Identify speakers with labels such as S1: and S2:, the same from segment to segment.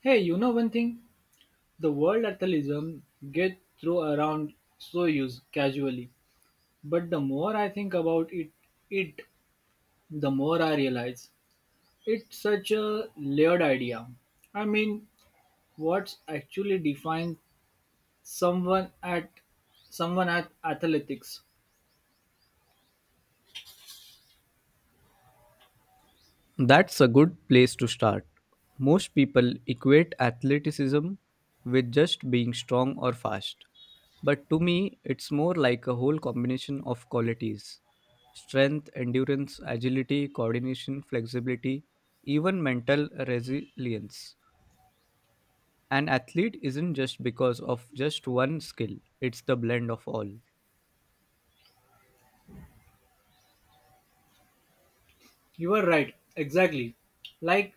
S1: Hey, you know one thing? The word athleticism get thrown around so used casually. But the more I think about it, it the more I realize it's such a layered idea. I mean, what's actually defines someone at someone at athletics?
S2: That's a good place to start. Most people equate athleticism with just being strong or fast. But to me, it's more like a whole combination of qualities: strength, endurance, agility, coordination, flexibility, even mental resilience. An athlete isn't just because of just one skill, it's the blend of all.
S1: You are right, exactly. Like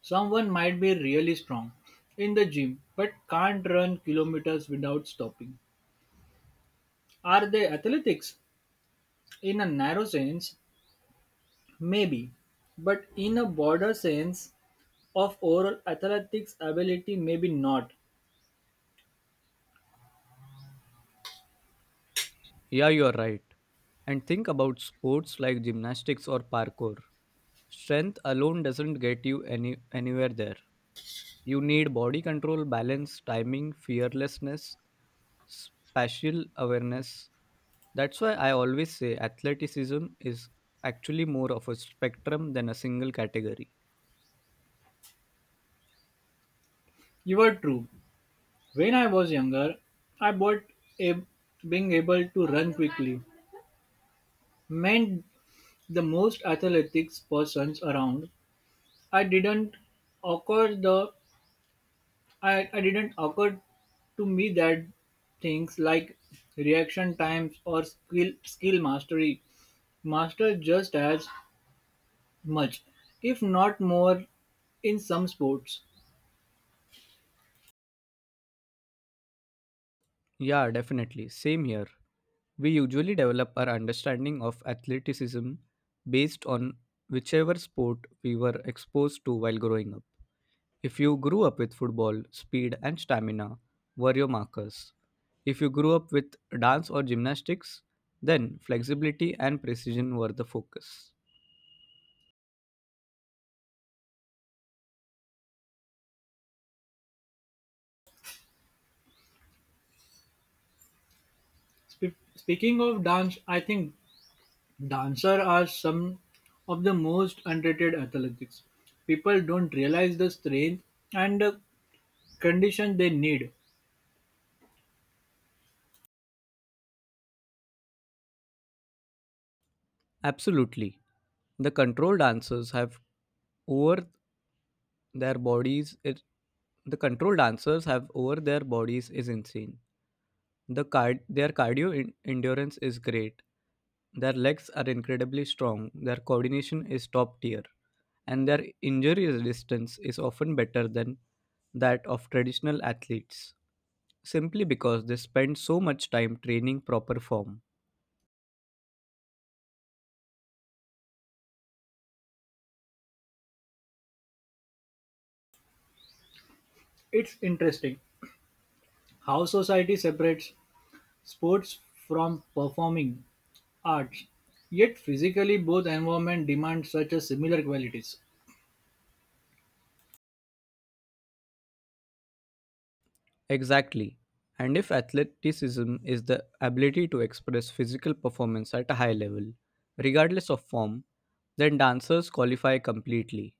S1: someone might be really strong in the gym but can't run kilometers without stopping. Are they athletics? In a narrow sense, maybe, but in a broader sense of overall athletics ability, maybe not.
S2: Yeah, you're right. And think about sports like gymnastics or parkour. Strength alone doesn't get you anywhere there. You need body control, balance, timing, fearlessness, spatial awareness. That's why I always say athleticism is actually more of a spectrum than a single category.
S1: You are true. When I was younger, I bought a, being able to run quickly meant the most athletics persons around. I didn't occur the I didn't occur to me that things like reaction times or skill mastery master just as much, if not more, in some sports.
S2: Yeah, definitely. Same here. We usually develop our understanding of athleticism based on whichever sport we were exposed to while growing up. If you grew up with football, speed and stamina were your markers. If you grew up with dance or gymnastics, then flexibility and precision were the focus.
S1: Speaking of dance, I think dancers are some of the most underrated athletics. People don't realize the strength and the condition they need.
S2: Absolutely. The control dancers have over Their bodies, it, the control dancers have over their bodies is insane. Their cardio endurance is great. Their legs are incredibly strong. Their coordination is top tier, and their injury resistance is often better than that of traditional athletes, simply because they spend so much time training proper form.
S1: It's interesting how society separates sports from performing arts. Yet physically both environments demand such a similar qualities.
S2: Exactly. And if athleticism is the ability to express physical performance at a high level, regardless of form, then dancers qualify completely.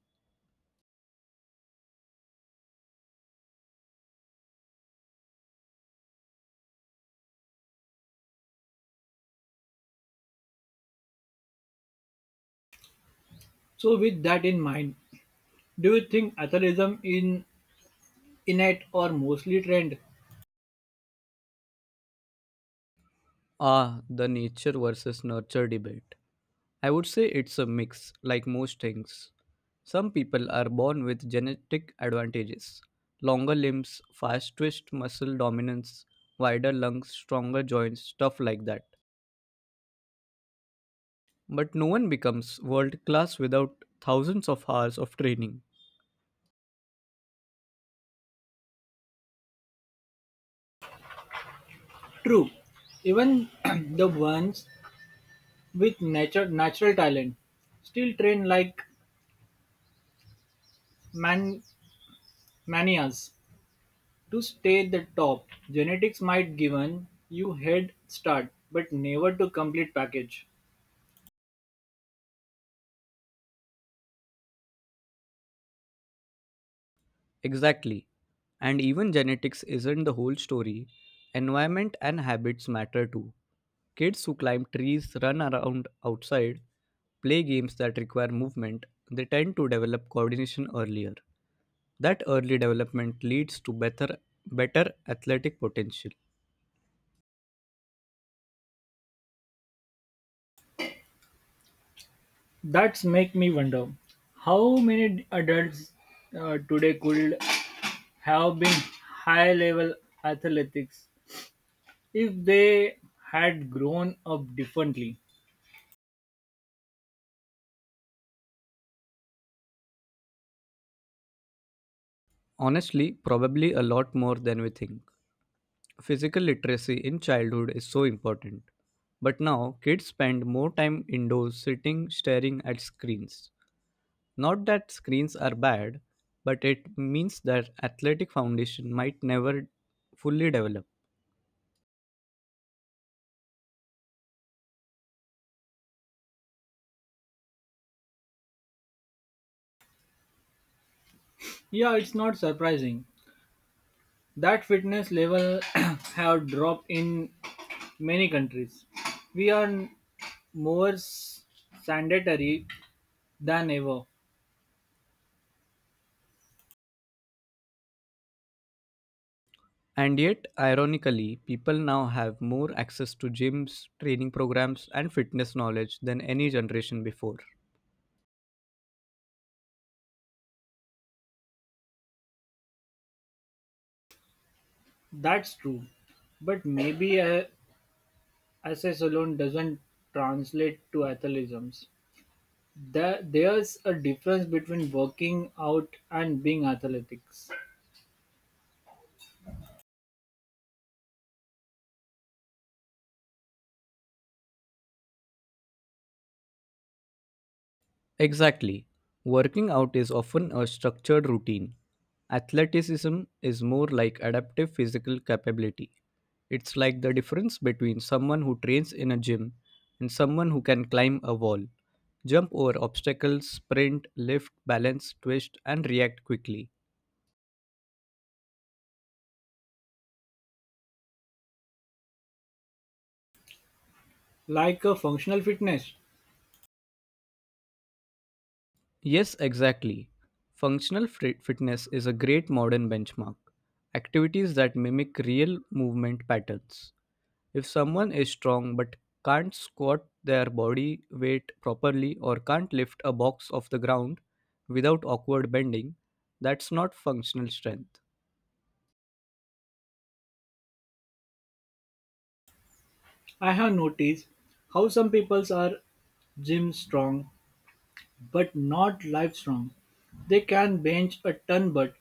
S1: So with that in mind, do you think athleticism in innate or mostly trained?
S2: Ah, the nature versus nurture debate. I would say it's a mix, like most things. Some people are born with genetic advantages: longer limbs, fast twitch muscle dominance, wider lungs, stronger joints, stuff like that. But no one becomes world class without thousands of hours of training.
S1: True, even the ones with natural talent still train like man, manias to stay at the top. Genetics might given you head start, but never to complete package.
S2: Exactly. And even genetics isn't the whole story. Environment and habits matter too. Kids who climb trees, run around outside, play games that require movement, they tend to develop coordination earlier. That early development leads to better athletic potential.
S1: That's make me wonder how many adults today could have been high level athletics if they had grown up differently.
S2: Honestly, probably a lot more than we think. Physical literacy in childhood is so important. But now, kids spend more time indoors sitting, staring at screens. Not that screens are bad, but it means that athletic foundation might never fully develop.
S1: Yeah, it's not surprising that fitness level have dropped in many countries. We are more s- sedentary than ever.
S2: And yet, ironically, people now have more access to gyms, training programs, and fitness knowledge than any generation before.
S1: That's true. But maybe SS alone doesn't translate to athleticism. There's a difference between working out and being athletics.
S2: Exactly. Working out is often a structured routine. Athleticism is more like adaptive physical capability. It's like the difference between someone who trains in a gym and someone who can climb a wall, jump over obstacles, sprint, lift, balance, twist, and react quickly.
S1: Like a functional fitness,
S2: Yes, exactly. Functional fitness is a great modern benchmark. Activities that mimic real movement patterns. If someone is strong but can't squat their body weight properly or can't lift a box off the ground without awkward bending, that's not functional strength.
S1: I have noticed how some people are gym strong but not livestrong. They can bench a ton but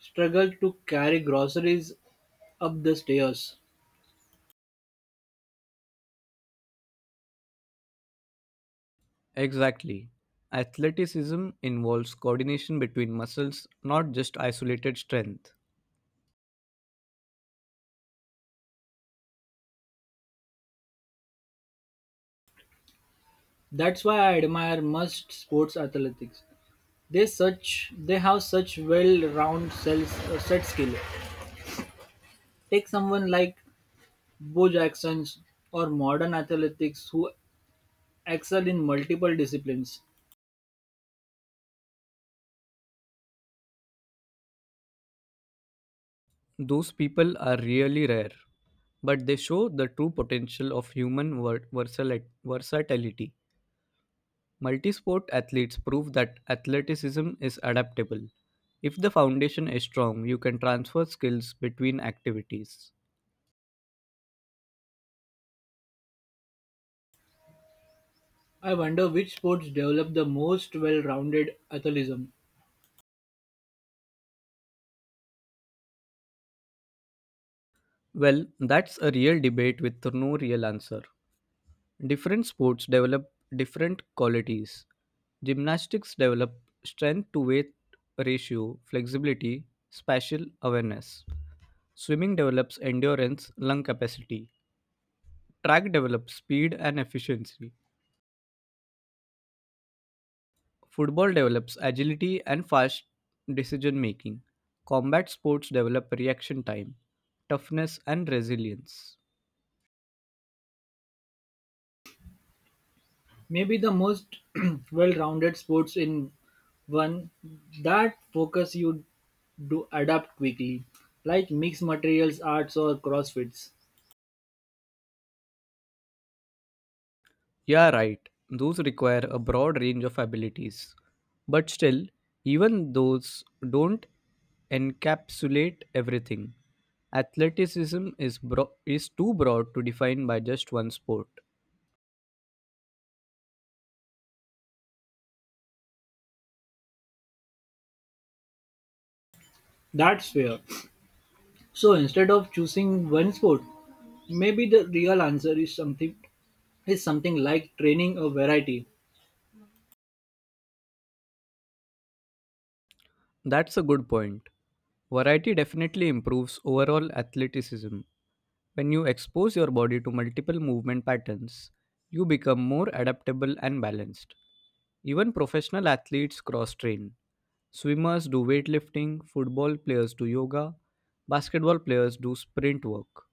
S1: struggle to carry groceries up the stairs.
S2: Exactly. Athleticism involves coordination between muscles, not just isolated strength.
S1: That's why I admire most sports athletics. They have such well-rounded cells, set skill. Take someone like Bo Jackson or modern athletics who excel in multiple disciplines.
S2: Those people are really rare, but they show the true potential of human versatility. Multisport athletes prove that athleticism is adaptable. If the foundation is strong, you can transfer skills between activities.
S1: I wonder which sports develop the most well-rounded athleticism.
S2: Well, that's a real debate with no real answer. Different sports develop different qualities. Gymnastics develop strength to weight ratio, flexibility, spatial awareness. Swimming develops endurance, lung capacity. Track develops speed and efficiency. Football develops agility and fast decision making. Combat sports develop reaction time, toughness, and resilience.
S1: Maybe the most well-rounded sports in one that focus you to adapt quickly, like mixed materials arts or crossfits.
S2: Yeah, right. Those require a broad range of abilities. But still, even those don't encapsulate everything. Athleticism is, is too broad to define by just one sport.
S1: That's fair. So instead of choosing one sport, maybe the real answer is something like training a variety.
S2: That's a good point. Variety definitely improves overall athleticism. When you expose your body to multiple movement patterns, you become more adaptable and balanced. Even professional athletes cross train. Swimmers do weightlifting, football players do yoga, basketball players do sprint work.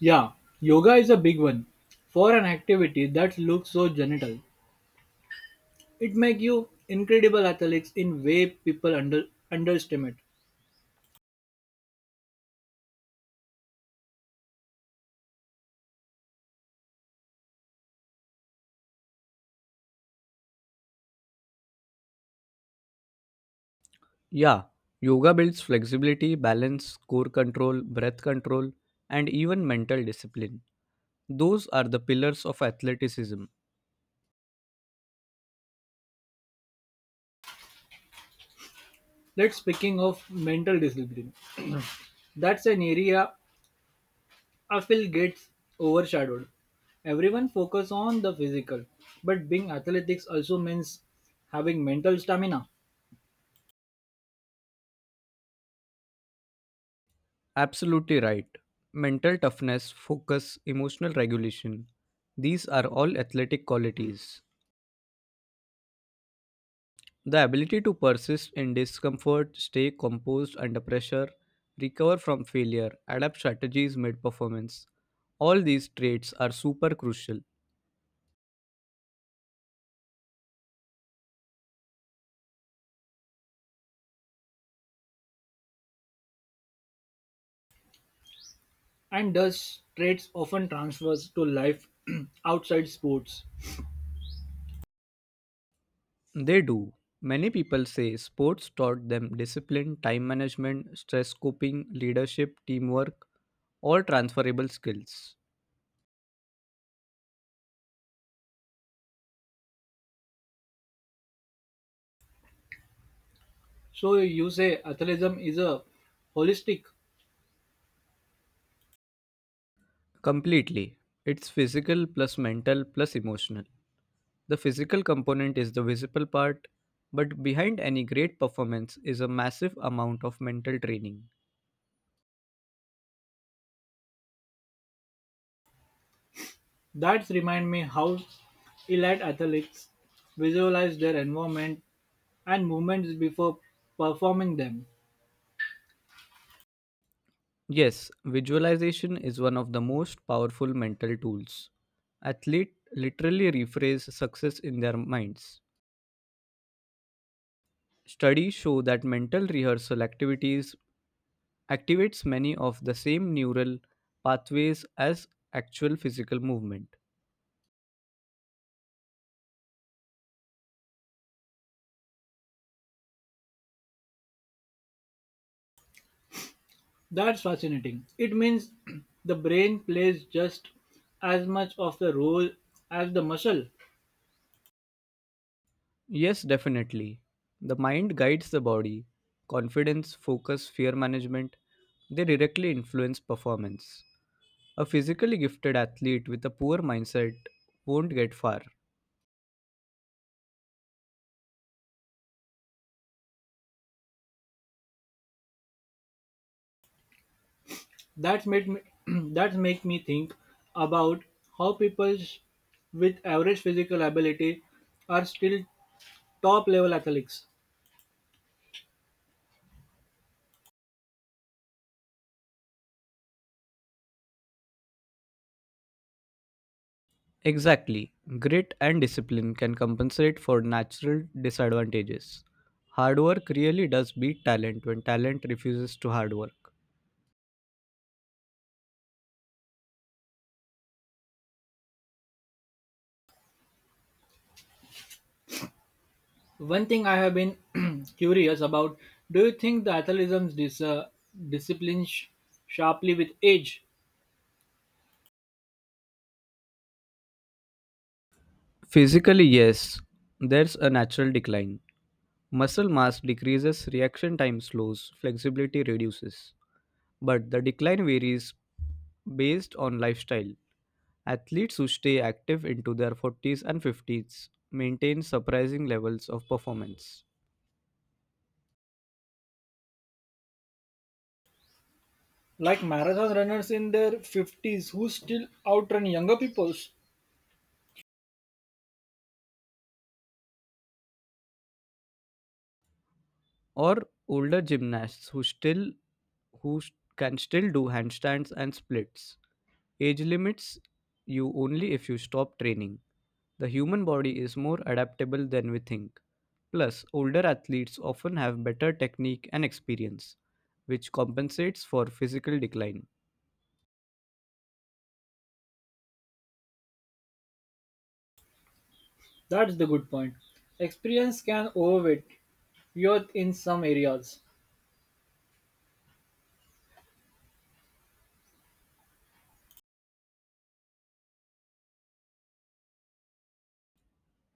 S1: Yeah, yoga is a big one. For an activity that looks so genital, it makes you incredible athletes in way people underestimate.
S2: Yeah, yoga builds flexibility, balance, core control, breath control, and even mental discipline. Those are the pillars of athleticism.
S1: Let's speaking of mental discipline. That's an area I feel gets overshadowed. Everyone focus on the physical, but being athletics also means having mental stamina.
S2: Absolutely right. Mental toughness, focus, emotional regulation. These are all athletic qualities. The ability to persist in discomfort, stay composed under pressure, recover from failure, adapt strategies mid performance. All these traits are super crucial.
S1: And those traits often transfers to life outside sports.
S2: They do. Many people say sports taught them discipline, time management, stress coping, leadership, teamwork, all transferable skills.
S1: So you say athleticism is a holistic.
S2: Completely. It's physical plus mental plus emotional. The physical component is the visible part, but behind any great performance is a massive amount of mental training.
S1: That remind me how elite athletes visualize their environment and movements before performing them.
S2: Yes, visualization is one of the most powerful mental tools. Athletes literally rephrase success in their minds. Studies show that mental rehearsal activities activates many of the same neural pathways as actual physical movement.
S1: That's fascinating. It means the brain plays just as much of the role as the muscle.
S2: Yes, definitely. The mind guides the body. Confidence, focus, fear management, they directly influence performance. A physically gifted athlete with a poor mindset won't get far.
S1: That's made me, that's make me think about how people with average physical ability are still top level athletes.
S2: Exactly. Grit and discipline can compensate for natural disadvantages. Hard work really does beat talent when talent refuses to hard work.
S1: One thing I have been curious about: Do you think the athleticism discipline sharply with age,
S2: Physically, yes, there's a natural decline. Muscle mass decreases, reaction time slows, flexibility reduces. But the decline varies based on lifestyle. Athletes who stay active into their 40s and 50s maintain surprising levels of performance.
S1: like marathon runners in their fifties who still outrun younger peoples?
S2: Or older gymnasts who who s- can still do handstands and splits. Age limits you only if you stop training. The human body is more adaptable than we think. Plus, older athletes often have better technique and experience, which compensates for physical decline.
S1: That's the good point. Experience can overweight youth in some areas.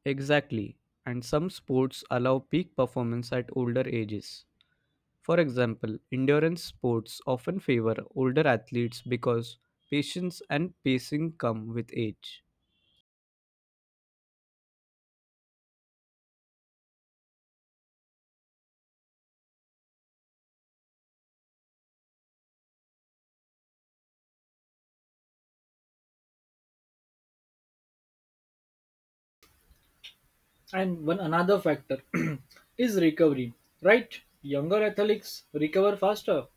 S2: Exactly, and some sports allow peak performance at older ages. For example, endurance sports often favor older athletes because patience and pacing come with age.
S1: And one another factor is recovery, right? Younger athletes recover faster.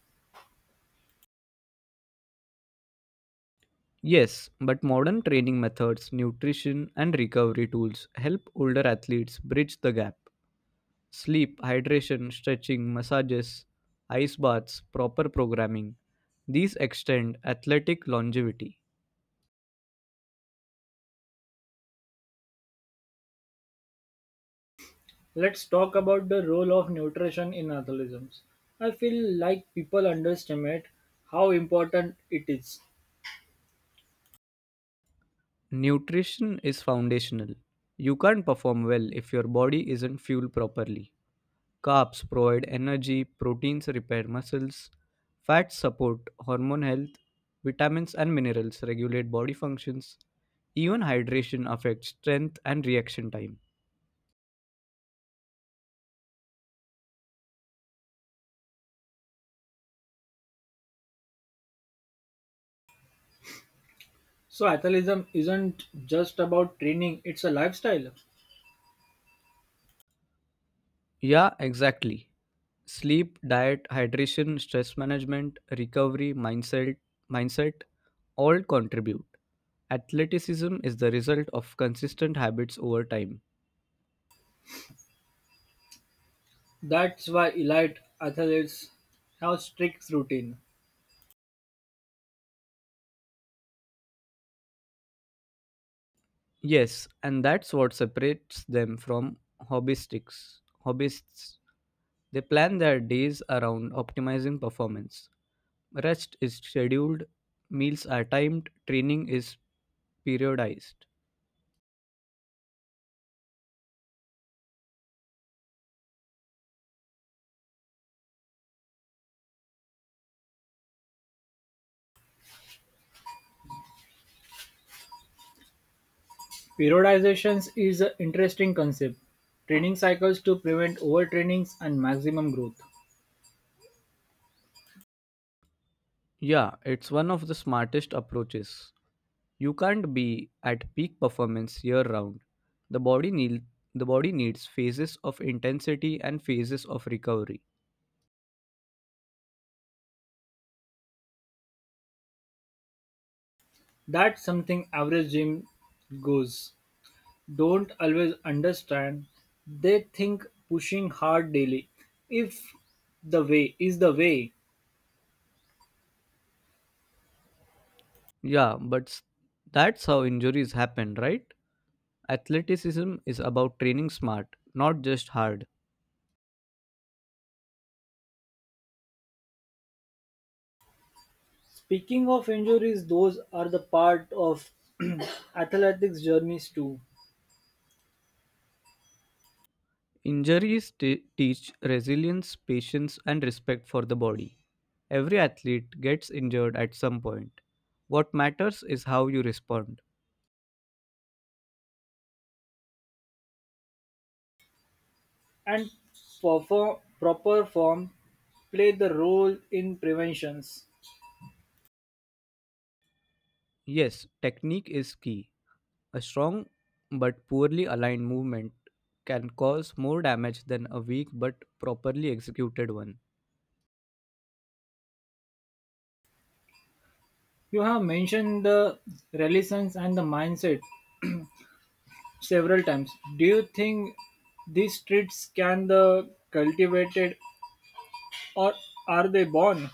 S2: Yes, but modern training methods, nutrition, and recovery tools help older athletes bridge the gap. Sleep, hydration, stretching, massages, ice baths, proper programming, these extend athletic longevity.
S1: Let's talk about the role of nutrition in athleticism. I feel like people underestimate how important it is.
S2: Nutrition is foundational. You can't perform well if your body isn't fueled properly. Carbs provide energy, proteins repair muscles, fats support hormone health, vitamins and minerals regulate body functions. Even hydration affects strength and reaction time.
S1: So, athleticism isn't just about training, it's a lifestyle.
S2: Yeah, exactly. Sleep, diet, hydration, stress management, recovery, mindset, all contribute. Athleticism is the result of consistent habits over time.
S1: That's why elite athletes have strict routine.
S2: Yes, and that's what separates them from hobbyistics. Hobbyists, they plan their days around optimizing performance. Rest is scheduled, meals are timed, training is periodized.
S1: Periodization is an interesting concept: training cycles to prevent overtrainings and maximum growth.
S2: Yeah, it's one of the smartest approaches. You can't be at peak performance year round. The body need, the body needs phases of intensity and phases of recovery.
S1: That's something average gym goes. Don't always understand. They think pushing hard daily if the way is the way.
S2: Yeah, that's how injuries happen, right? Athleticism is about training smart, not just hard.
S1: Speaking of injuries, those are the part of athletics journeys too.
S2: Injuries teach resilience, patience, and respect for the body. Every athlete gets injured at some point. What matters is how you respond.
S1: And proper form play the role in preventions.
S2: Yes, technique is key. A strong but poorly aligned movement can cause more damage than a weak but properly executed one.
S1: You have mentioned the religions and the mindset several times. Do you think these traits can the cultivated or are they born?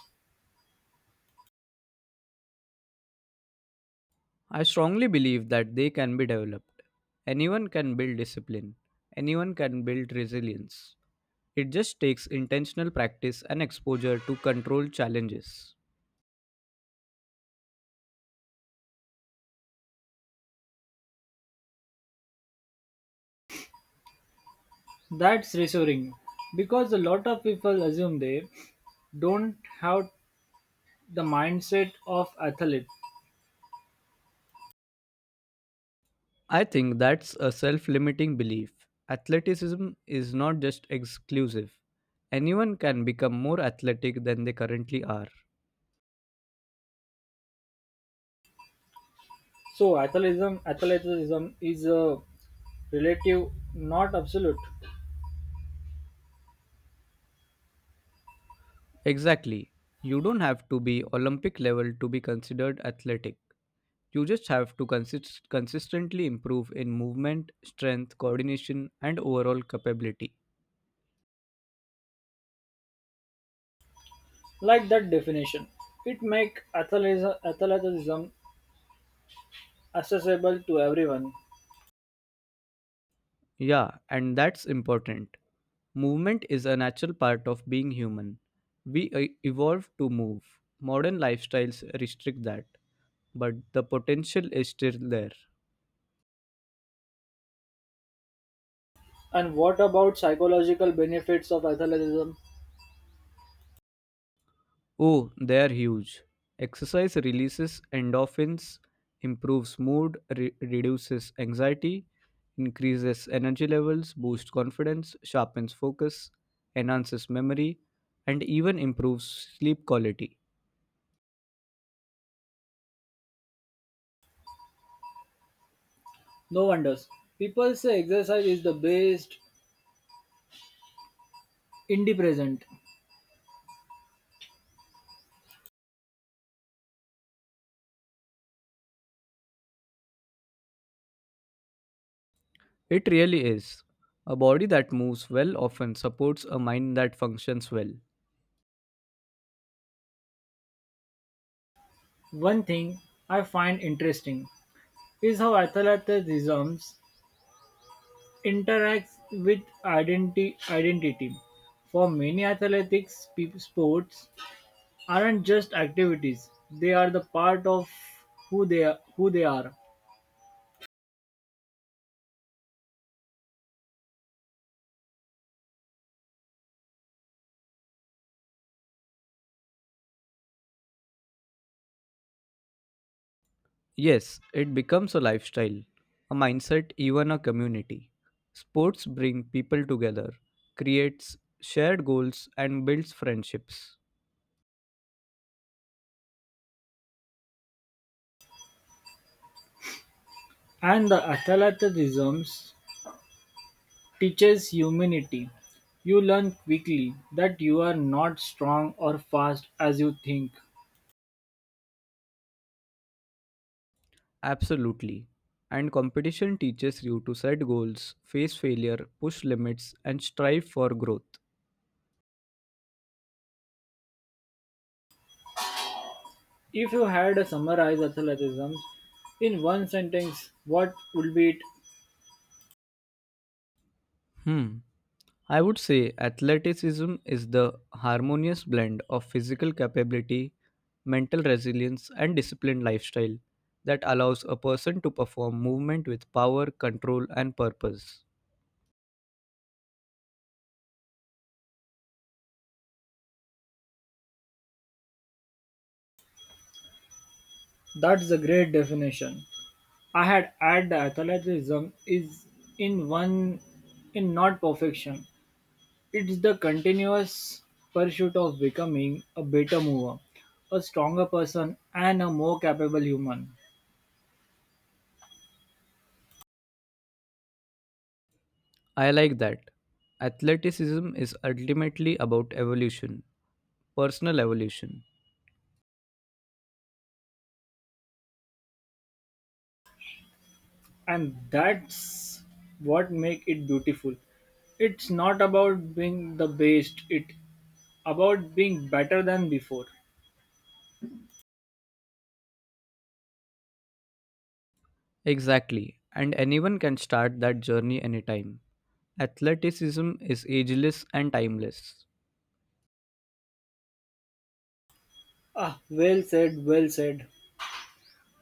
S2: I strongly believe that they can be developed. Anyone can build discipline, anyone can build resilience. It just takes intentional practice and exposure to control challenges.
S1: That's reassuring because a lot of people assume they don't have the mindset of athlete.
S2: I think that's a self limiting belief. Athleticism is not just exclusive, anyone can become more athletic than they currently are.
S1: So athleticism is a relative, not absolute.
S2: Exactly. You don't have to be Olympic level to be considered athletic. You just have to consistently improve in movement, strength, coordination, and overall capability.
S1: Like that definition, it make athleticism accessible to everyone.
S2: Yeah, and that's important. Movement is a natural part of being human. We evolved to move. Modern lifestyles restrict that, but the potential is still there.
S1: And what about psychological benefits of athleticism?
S2: Oh, they're huge. Exercise releases endorphins, improves mood, reduces anxiety, increases energy levels, boosts confidence, sharpens focus, enhances memory, and even improves sleep quality.
S1: No wonders. People say exercise is the best in the present.
S2: It really is. A body that moves well often supports a mind that functions well.
S1: One thing I find interesting is how athleticism interacts with identity. For many athletics, sports aren't just activities; they are the part of who they are.
S2: Yes, it becomes a lifestyle, a mindset, even a community. Sports bring people together, creates shared goals and builds friendships.
S1: And the athleticisms teaches humanity. You learn quickly that you are not strong or fast as you think.
S2: Absolutely. And competition teaches you to set goals, face failure, push limits and strive for growth.
S1: If you had to summarize athleticism in one sentence, what would be it?
S2: Hmm. I would say athleticism is the harmonious blend of physical capability, mental resilience, and disciplined lifestyle that allows a person to perform movement with power, control, and purpose.
S1: That's a great definition. I had add the athleticism is in one in not perfection. It's the continuous pursuit of becoming a better mover, a stronger person, and a more capable human.
S2: I like that. Athleticism is ultimately about evolution, personal evolution.
S1: And that's what make it beautiful. It's not about being the best, it about being better than before.
S2: Exactly, and anyone can start that journey anytime. Athleticism is ageless and timeless.
S1: Ah, well said.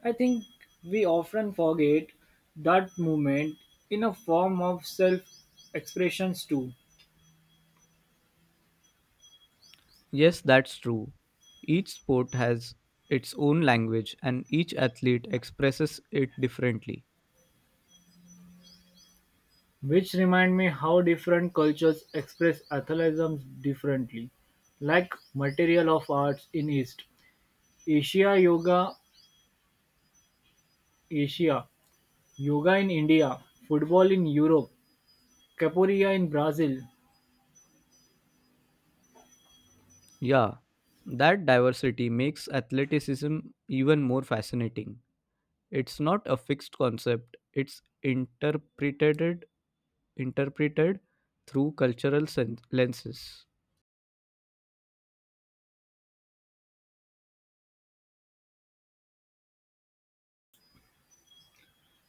S1: I think we often forget that movement in a form of self expressions too.
S2: Yes, that's true. Each sport has its own language and each athlete expresses it differently.
S1: Which remind me how different cultures express athleism differently, like material of arts in east asia yoga asia yoga in India, football in Europe, capoeira in Brazil.
S2: Yeah, that diversity makes athleticism even more fascinating. It's not a fixed concept, it's interpreted through cultural lenses.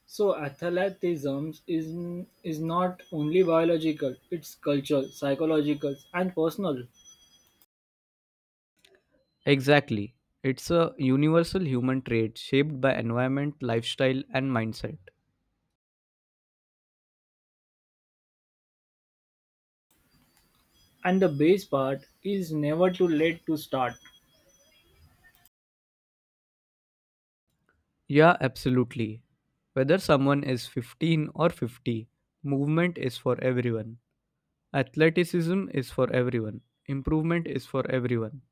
S1: So athleticism is not only biological, it's cultural, psychological and personal.
S2: Exactly. It's a universal human trait shaped by environment, lifestyle and mindset.
S1: And the base part is never too late to start.
S2: Yeah, absolutely. Whether someone is 15 or 50, movement is for everyone. Athleticism is for everyone. Improvement is for everyone.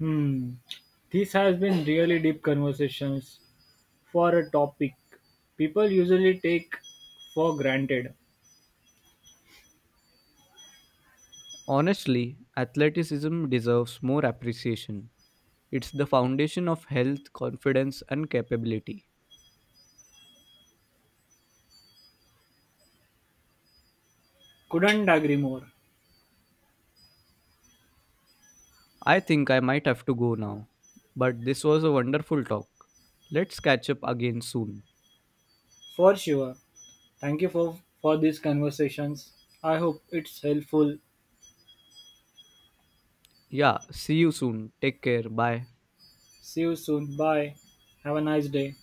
S1: Hmm. This has been really deep conversations for a topic people usually take for granted.
S2: Honestly, athleticism deserves more appreciation. It's the foundation of health, confidence, and capability.
S1: Couldn't agree more.
S2: I think I might have to go now. But this was a wonderful talk. Let's catch up again soon.
S1: For sure. Thank you for these conversations. I hope it's helpful.
S2: Yeah, see you soon. Take care. Bye.
S1: See you soon. Bye. Have a nice day.